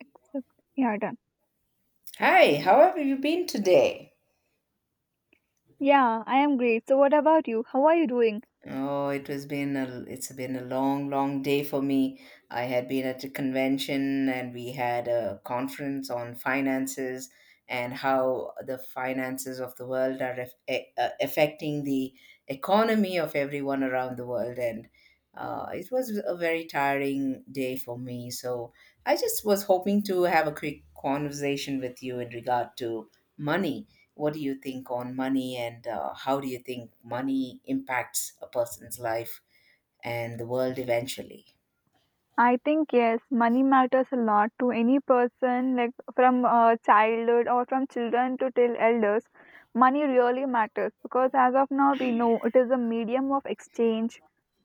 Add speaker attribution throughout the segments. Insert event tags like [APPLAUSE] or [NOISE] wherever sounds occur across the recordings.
Speaker 1: Except, yeah, done.
Speaker 2: Hi, how have you been today?
Speaker 1: Yeah, I am great. So, what about you? How are you doing?
Speaker 2: Oh, it has been a it's been a long, long day for me. I had been at a convention and we had a conference on finances and how the finances of the world are affecting the economy of everyone around the world. And it was a very tiring day for me. So I just was hoping to have a quick conversation with you in regard to money. What do you think on money and how do you think money impacts a person's life and the world eventually?
Speaker 1: I think yes, money matters a lot to any person, like from childhood or from children to till elders. Money really matters because as of now we know it is a medium of exchange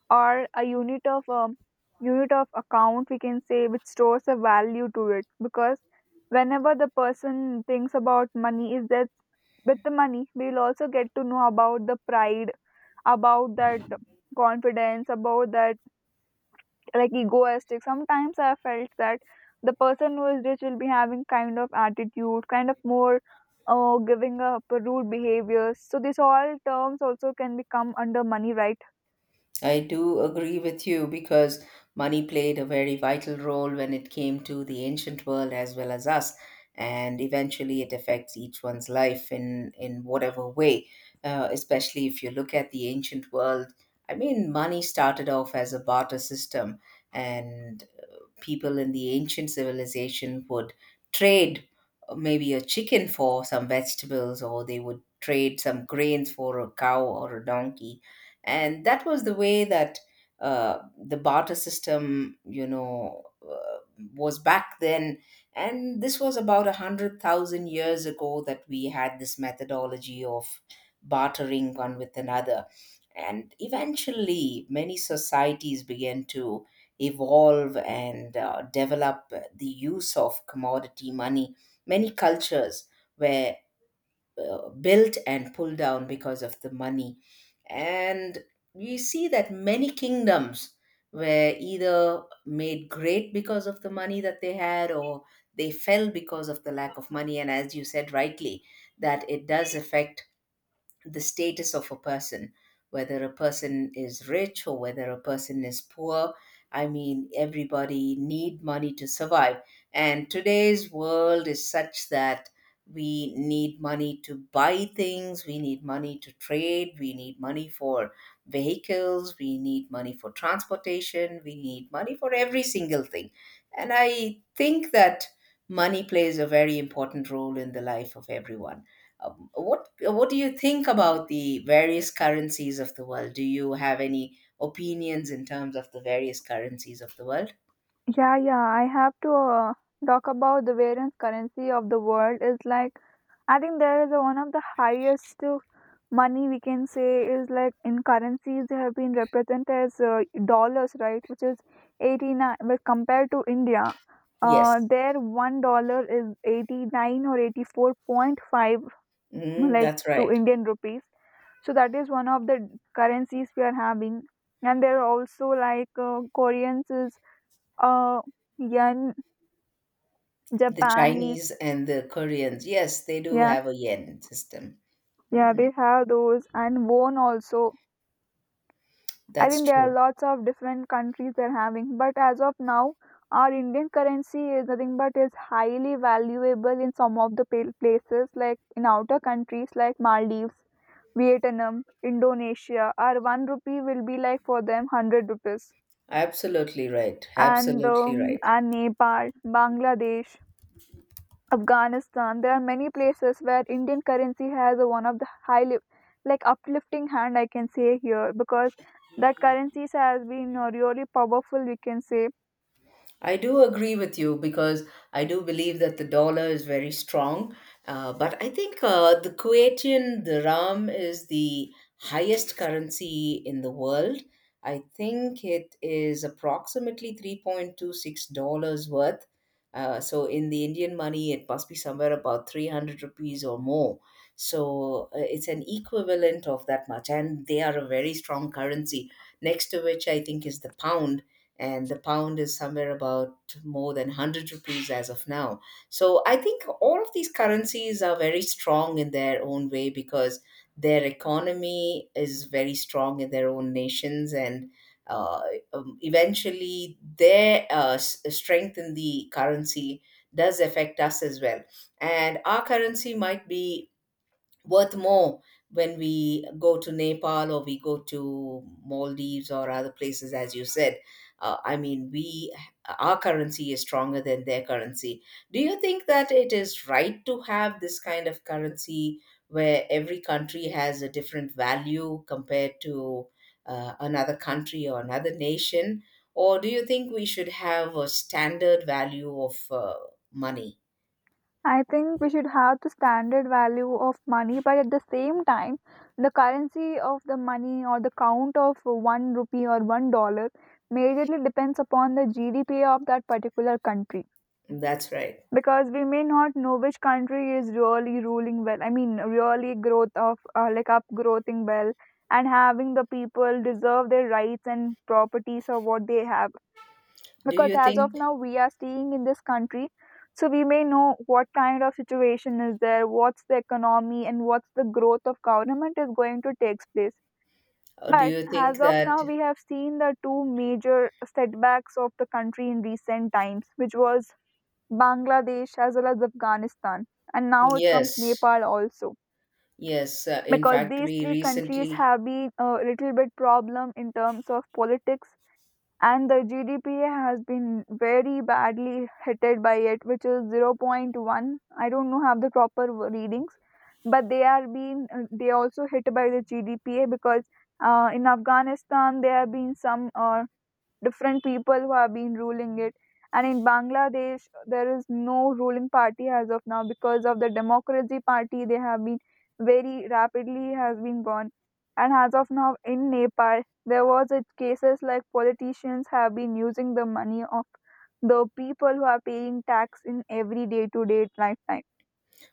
Speaker 1: or a unit of account we can say, which stores a value to it because whenever the person thinks about money is that with the money we will also get to know about the pride, about that confidence, about that like egoistic. Sometimes I felt that the person who is rich will be having kind of attitude, kind of more giving up rude behaviors. So these all terms also can become under money, right?
Speaker 2: I do agree with you because money played a very vital role when it came to the ancient world as well as us. And eventually it affects each one's life in whatever way. Especially if you look at the ancient world, I mean, money started off as a barter system. And people in the ancient civilization would trade maybe a chicken for some vegetables, or they would trade some grains for a cow or a donkey. And that was the way that the barter system, you know, was back then. And this was about 100,000 years ago that we had this methodology of bartering one with another. And eventually, many societies began to evolve and develop the use of commodity money. Many cultures were built and pulled down because of the money. And we see that many kingdoms were either made great because of the money that they had or they fell because of the lack of money. And as you said rightly, that it does affect the status of a person, whether a person is rich or whether a person is poor. I mean, everybody need money to survive. And today's world is such that we need money to buy things, we need money to trade, we need money for vehicles, we need money for transportation, we need money for every single thing. And I think that money plays a very important role in the life of everyone. What do you think about the various currencies of the world? Do you have any opinions in terms of the various currencies of the world?
Speaker 1: Yeah, yeah. I have to talk about the variance currency of the world. Is like I think there is one of the highest money we can say is like in currencies they have been represented as dollars, right, which is 89, but compared to india
Speaker 2: Yes,
Speaker 1: their $1 is 89 or 84.5
Speaker 2: mm,
Speaker 1: like
Speaker 2: that's
Speaker 1: to
Speaker 2: right.
Speaker 1: indian rupees. So that is one of the currencies we are having, and there are also like koreans is uh yen,
Speaker 2: The
Speaker 1: japanese.
Speaker 2: Chinese and the Koreans, yes, they do
Speaker 1: Yeah,
Speaker 2: have a yen system.
Speaker 1: yeah, they
Speaker 2: Mm,
Speaker 1: have those and won also. I
Speaker 2: that's
Speaker 1: think there are
Speaker 2: true.
Speaker 1: lots of different countries they're having, but as of now, our Indian currency is nothing but is highly valuable in some of the places like in outer countries like Maldives, Vietnam, Indonesia. Our one rupee will be like for them 100 rupees,
Speaker 2: Absolutely right. Absolutely right.
Speaker 1: and Nepal, Bangladesh, Afghanistan. There are many places where Indian currency has a, one of the high, like uplifting hand I can say here because that currencies has been really powerful. We can say.
Speaker 2: I do agree with you because I do believe that the dollar is very strong. But I think the Kuwaitian dirham is the highest currency in the world. I think it is approximately $3.26 worth. So in the Indian money, it must be somewhere about 300 rupees or more. So it's an equivalent of that much. And they are a very strong currency, next to which I think is the pound, and the pound is somewhere about more than 100 rupees as of now. So I think all of these currencies are very strong in their own way because their economy is very strong in their own nations, and uh, eventually their strength in the currency does affect us as well, and our currency might be worth more when we go to Nepal or we go to Maldives or other places, as you said. I mean, we our currency is stronger than their currency. Do you think that it is right to have this kind of currency where every country has a different value compared to another country or another nation? Or do you think we should have a standard value of money?
Speaker 1: I think we should have the standard value of money, but at the same time, the currency of the money or the count of one rupee or $1 majorly depends upon the GDP of that particular country.
Speaker 2: That's right.
Speaker 1: Because we may not know which country is really ruling well. I mean, really growth of like upgrowing well and having the people deserve their rights and properties of what they have,
Speaker 2: Do you
Speaker 1: because as of
Speaker 2: think,
Speaker 1: now we are staying in this country, so we may know what kind of situation is there, what's the economy and what's the growth of government is going to take place.
Speaker 2: or do
Speaker 1: But
Speaker 2: you think
Speaker 1: as of
Speaker 2: that…
Speaker 1: now we have seen the two major setbacks of the country in recent times, which was Bangladesh as well as Afghanistan, and now it comes
Speaker 2: Yes,
Speaker 1: Nepal also,
Speaker 2: yes. In
Speaker 1: because
Speaker 2: fact,
Speaker 1: these
Speaker 2: we
Speaker 1: three countries
Speaker 2: recently…
Speaker 1: have been a little bit problem in terms of politics and the GDP has been very badly hitted by it, which is 0. 0.1. I don't know have the proper readings, but they are being they also hit by the GDP, because in Afghanistan there have been some different people who have been ruling it. And in Bangladesh, there is no ruling party as of now because of the Democracy Party. They have been very rapidly has been gone. And as of now, in Nepal, there was a cases like politicians have been using the money of the people who are paying tax in every day to day lifetime.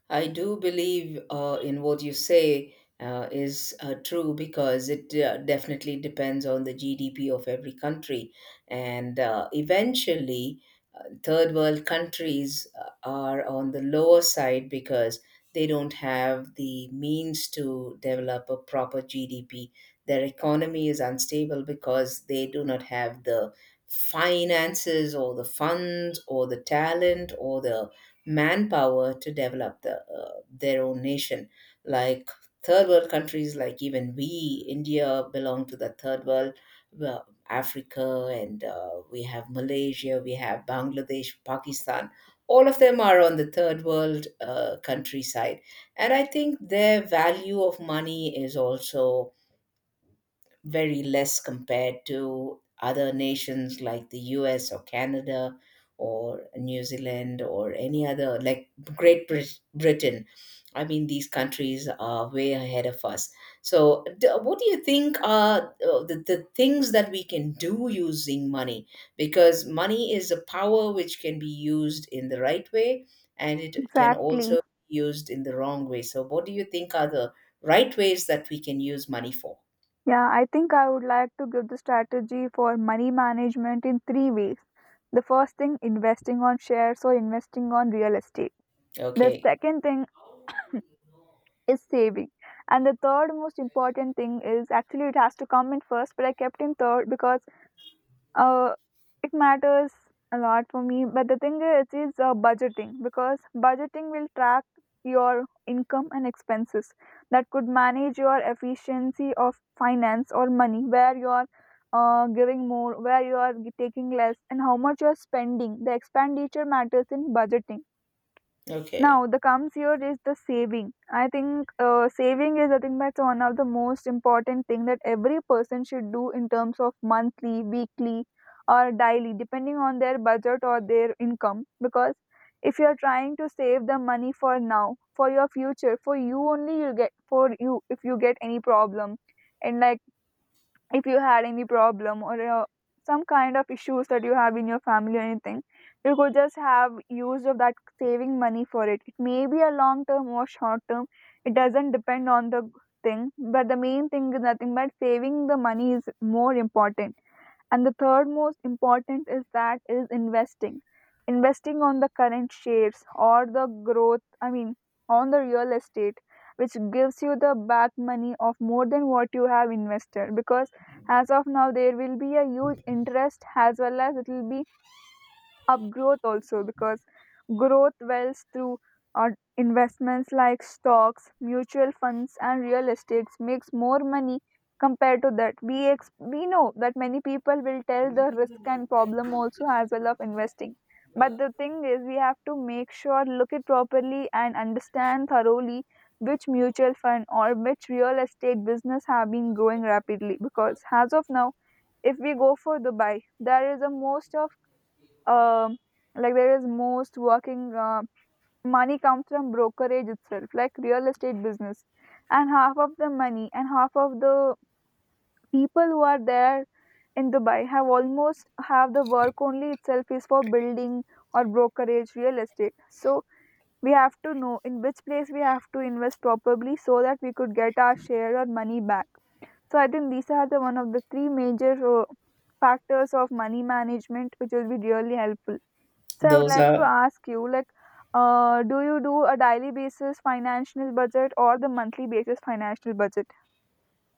Speaker 2: I do believe in what you say is true, because it definitely depends on the GDP of every country. And eventually, third world countries are on the lower side because they don't have the means to develop a proper GDP. Their economy is unstable because they do not have the finances or the funds or the talent or the manpower to develop their own nation. Like third world countries, like even we, India, belong to the third world. Well, Africa, and we have Malaysia, we have Bangladesh, Pakistan. All of them are on the third world countryside. And I think their value of money is also very less compared to other nations like the US or Canada or New Zealand or any other, like Britain. I mean, these countries are way ahead of us. So, what do you think are the things that we can do using money? Because money is a power which can be used in the right way and it can
Speaker 1: Exactly.
Speaker 2: also be used in the wrong way. So, what do you think are the right ways that we can use money for?
Speaker 1: Yeah, I think I would like to give the strategy for money management in three ways. The first thing, investing on shares or investing on real estate. The
Speaker 2: Okay.
Speaker 1: second thing is saving. And the third most important thing is actually it has to come in first, but I kept in third because uh, it matters a lot for me, but the thing is budgeting, because budgeting will track your income and expenses that could manage your efficiency of finance or money, where you are giving more, where you are taking less, and how much you are spending. The expenditure matters in budgeting.
Speaker 2: Okay.
Speaker 1: Now, the comes here is the saving. I think saving is I think that's one of the most important thing that every person should do in terms of monthly, weekly, or daily, depending on their budget or their income. Because if you are trying to save the money for now, for your future, for you only, you get for you if you get any problem, and like if you had any problem or some kind of issues that you have in your family or anything, you could just have use of that saving money for it. It may be a long term or short term. It doesn't depend on the thing, but the main thing is nothing but saving the money is more important. And the third most important is that is investing, investing on the current shares or the growth. I mean, on the real estate, which gives you the back money of more than what you have invested, because as of now there will be a huge interest as well as it will be upgrowth also, because growth wells through uh, investments like stocks, mutual funds and real estates makes more money compared to that. We we know that many people will tell the risk and problem also as well of investing, but the thing is we have to make sure look it properly and understand thoroughly which mutual fund or which real estate business have been growing rapidly, because as of now if we go for dubai, there is a most of um, like there is most working money comes from brokerage itself like real estate business, and half of the money and half of the people who are there in dubai have almost have the work only itself is for building or brokerage real estate. So we have to know in which place we have to invest properly so that we could get our share or money back. So I think these are the one of the three major uh, factors of money management which will be really helpful. So I would
Speaker 2: Those
Speaker 1: like to
Speaker 2: are…
Speaker 1: ask you, like, do you do a daily basis financial budget or the monthly basis financial budget?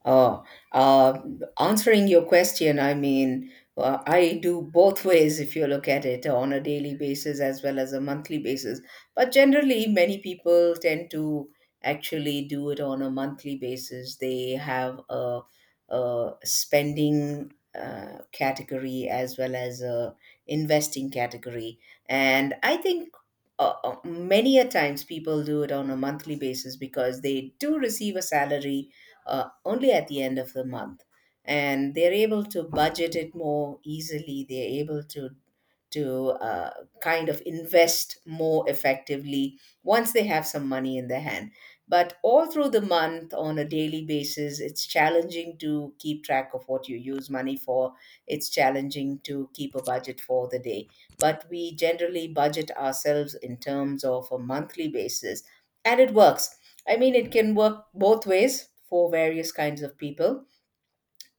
Speaker 2: Oh, uh, answering your question, I mean, I do both [LAUGHS] ways if you look at it on a daily basis as well as a monthly basis. But generally, many people tend to actually do it on a monthly basis. They have a spending category as well as a investing category, and I think. Many a times people do it on a monthly basis because they do receive a salary only at the end of the month, and they're able to budget it more easily, they're able to to uh, kind of invest more effectively once they have some money in their hand. But all through the month, on a daily basis, it's challenging to keep track of what you use money for. It's challenging to keep a budget for the day. But we generally budget ourselves in terms of a monthly basis. And it works. I mean, it can work both ways for various kinds of people.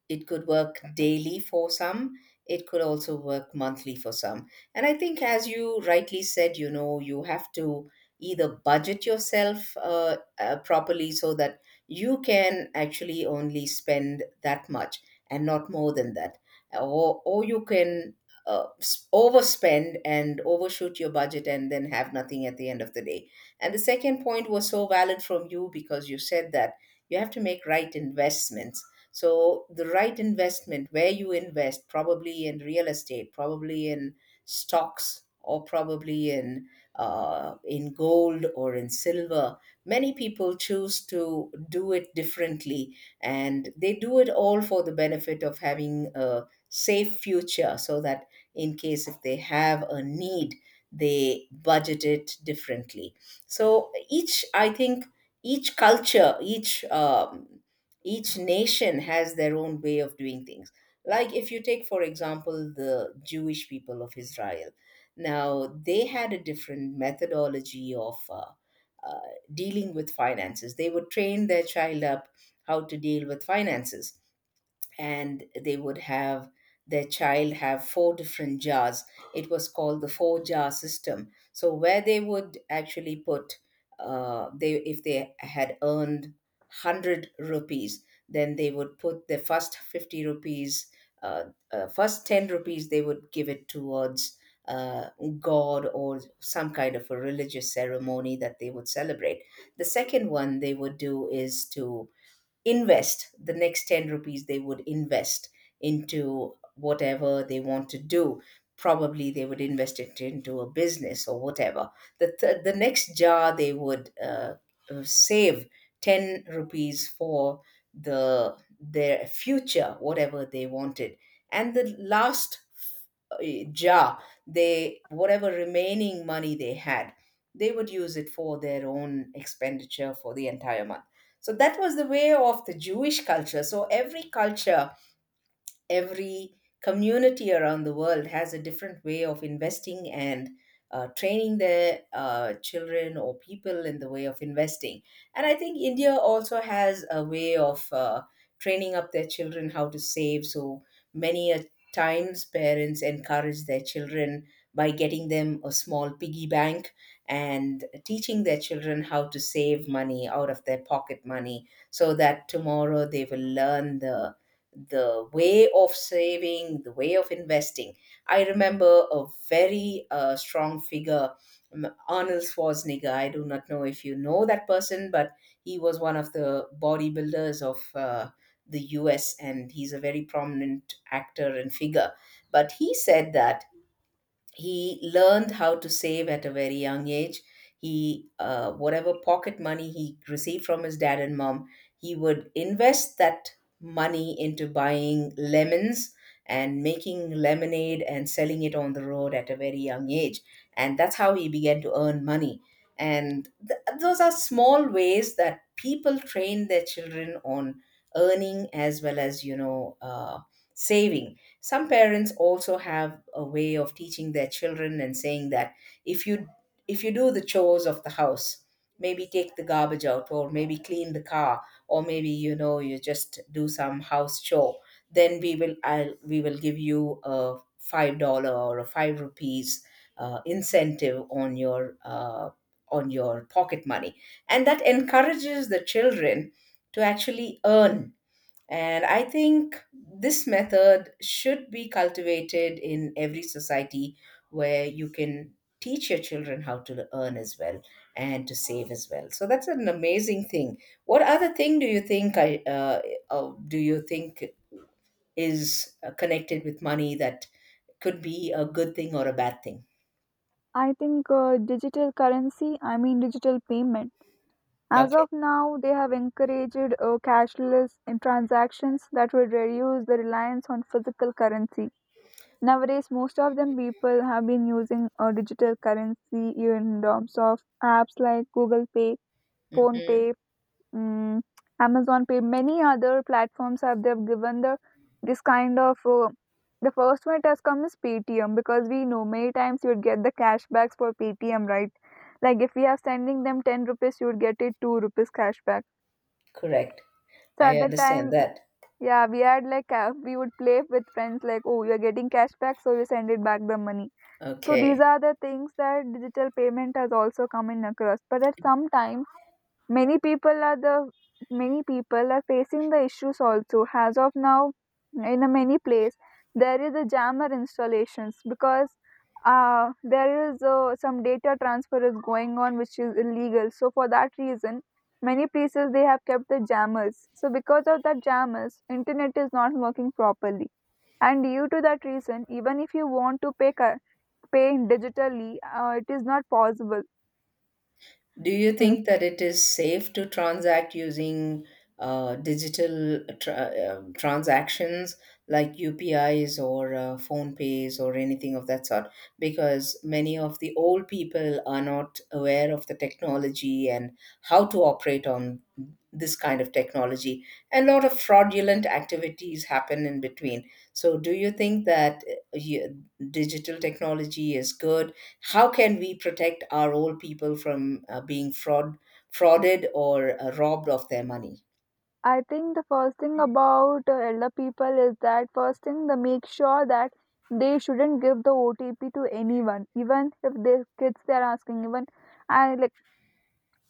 Speaker 2: It could work daily for some, it could also work monthly for some. And I think, as you rightly said, you know, you have to either budget yourself properly so that you can actually only spend that much and not more than that, or you can overspend and overshoot your budget and then have nothing at the end of the day. And the second point was so valid from you, because you said that you have to make right investments. So the right investment, where you invest, probably in real estate, probably in stocks, or probably in gold or in silver. Many people choose to do it differently, and they do it all for the benefit of having a safe future, so that in case if they have a need, they budget it differently. So each, I think, each culture, each nation has their own way of doing things. Like if you take, for example, the Jewish people of Israel, now they had a different methodology of uh, dealing with finances. They would train their child up how to deal with finances, and they would have their child have 4 different jars. It was called the 4 jar system, so where they would actually put they, if they had earned 100 rupees, then they would put the first 50 rupees uh, uh, first 10 rupees they would give it towards uh, god or some kind of a religious ceremony that they would celebrate. The second one they would do is to invest the next 10 rupees, they would invest into whatever they want to do, probably they would invest it into a business or whatever. The next jar, they would save 10 rupees for their future, whatever they wanted. And the last jar, they whatever remaining money they had, they would use it for their own expenditure for the entire month. So that was the way of the Jewish culture. So every culture, every community around the world has a different way of investing and training their children or people in the way of investing. And I think India also has a way of training up their children how to save. So many a times parents encourage their children by getting them a small piggy bank and teaching their children how to save money out of their pocket money, so that tomorrow they will learn the way of saving, the way of investing. I remember a very strong figure, Arnold Schwarzenegger. I do not know if you know that person, but he was one of the bodybuilders of the US, and he's a very prominent actor and figure. But he said that he learned how to save at a very young age. He whatever pocket money he received from his dad and mom, he would invest that money into buying lemons and making lemonade and selling it on the road at a very young age, and that's how he began to earn money. And those are small ways that people train their children on earning as well as saving. Some parents also have a way of teaching their children and saying that if you if you do the chores of the house, maybe take the garbage out or maybe clean the car or maybe you just do some house chore, then we will give you a $5 or a five rupees incentive on your on your pocket money, and that encourages the children to actually earn. And I think this method should be cultivated in every society where you can teach your children how to earn as well and to save as well. So that's an amazing thing. What other thing do you think I do you think is connected with money that could be a good thing or a bad thing?
Speaker 1: I think digital currency, I mean digital payment. As
Speaker 2: Okay.
Speaker 1: of now, they have encouraged cashless in transactions that would reduce the reliance on physical currency. Nowadays, most of them people have been using digital currency in terms of apps like Google Pay, Phone
Speaker 2: Hmm.
Speaker 1: Pay. Mm, Amazon Pay, many other platforms have they've given the this kind of the first one it has come is Paytm, because we know many times you would get the cashbacks for Paytm, right? Like if we are sending them 10 rupees, you would get it 2 rupees cashback.
Speaker 2: Correct.
Speaker 1: So
Speaker 2: I
Speaker 1: at that
Speaker 2: understand
Speaker 1: time,
Speaker 2: that.
Speaker 1: yeah, we had like we would play with friends like, oh, you're getting cashback, so you send it back the money. So these
Speaker 2: Okay.
Speaker 1: are the things that digital payment has also come in across. But at some time many people are the many people are facing the issues also. As of now, in a many place there is a jammer installations, because there is some data transfer is going on which is illegal. So for that reason, many places they have kept the jammers. So because of that jammers, internet is not working properly. And due to that reason, even if you want to pay pay digitally, it is not possible.
Speaker 2: Do you
Speaker 1: Hmm.
Speaker 2: think that it is safe to transact using transactions like UPIs or phone pays or anything of that sort? Because many of the old people are not aware of the technology and how to operate on this kind of technology. And a lot of fraudulent activities happen in between. So, do you think that digital technology is good? How can we protect our old people from being frauded or robbed of their money?
Speaker 1: I think the first thing about elder people is that first thing they make sure that they shouldn't give the OTP to anyone, even if their kids they are asking, even and like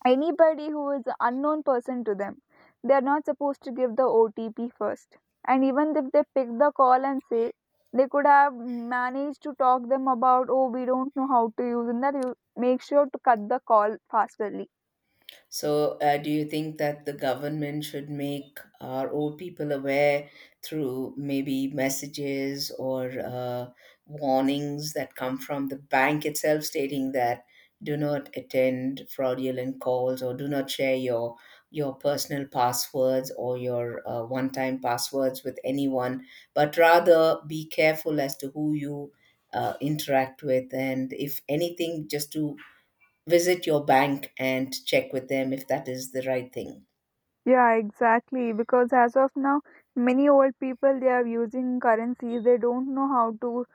Speaker 1: anybody who is an unknown person to them, they are not supposed to give the OTP first. And even if they pick the call and say, they could have managed to talk them about, oh, we don't know how to use, and that you make sure to cut the call fasterly.
Speaker 2: So, do you think that the government should make our old people aware through maybe messages or warnings that come from the bank itself stating that do not attend fraudulent calls or do not share your personal passwords or your one time passwords with anyone, but rather be careful as to who you interact with, and if anything, just to visit your bank and check with them if that is the right thing.
Speaker 1: Yeah, exactly. Because as of now, many old people they are using currencies. They don't know how to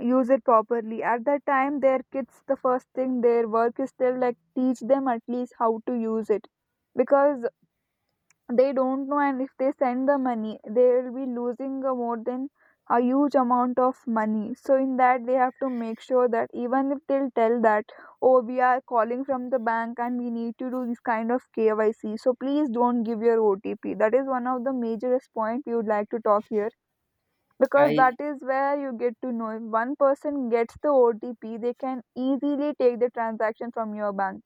Speaker 1: use it properly. At that time, their kids, the first thing their work is still like teach them at least how to use it, because they don't know, and if they send the money they will be losing more than a huge amount of money. So in that they have to make sure that even if they'll tell that, oh, we are calling from the bank and we need to do this kind of KYC, so please don't give your OTP. That is one of the majorest point we would like to talk here, because that
Speaker 2: I
Speaker 1: is where you get to know if one person gets the OTP, they can easily take the transaction from your bank.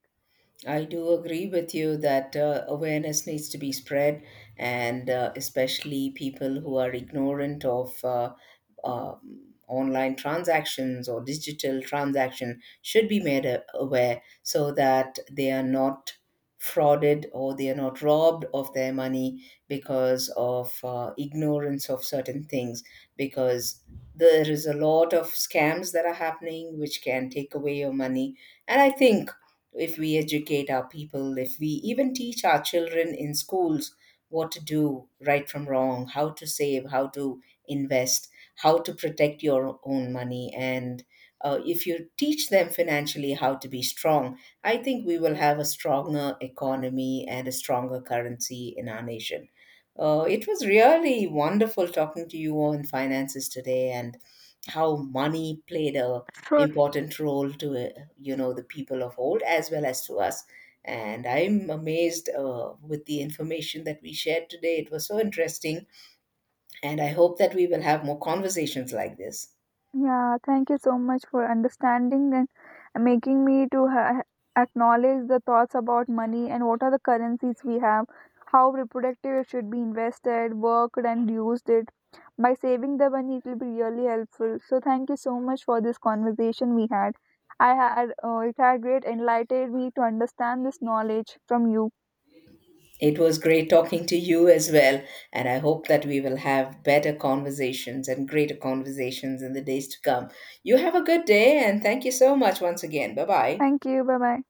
Speaker 2: I do agree with you that awareness needs to be spread, and especially people who are ignorant of online transactions or digital transaction should be made aware so that they are not frauded or they are not robbed of their money because of ignorance of certain things. Because there is a lot of scams that are happening which can take away your money, and I think if we educate our people, if we even teach our children in schools what to do right from wrong, how to save, how to invest, how to protect your own money, and if you teach them financially how to be strong, I think we will have a stronger economy and a stronger currency in our nation. It was really wonderful talking to you on finances today, and how money played a
Speaker 1: So
Speaker 2: important role to you know the people of old as well as to us, and I'm amazed with the information that we shared today. It was so interesting, and I hope that we will have more conversations like this.
Speaker 1: yeah, thank you so much for understanding and making me to acknowledge the thoughts about money and what are the currencies we have, how reproductive it should be invested, worked, and used it. By saving the money, it will be really helpful. So thank you so much for this conversation we had. I had it had great enlightened me to understand this knowledge from you.
Speaker 2: It was great talking to you as well, and I hope that we will have better conversations and greater conversations in the days to come. You have a good day, and thank you so much once again. Bye bye.
Speaker 1: Thank you. Bye bye.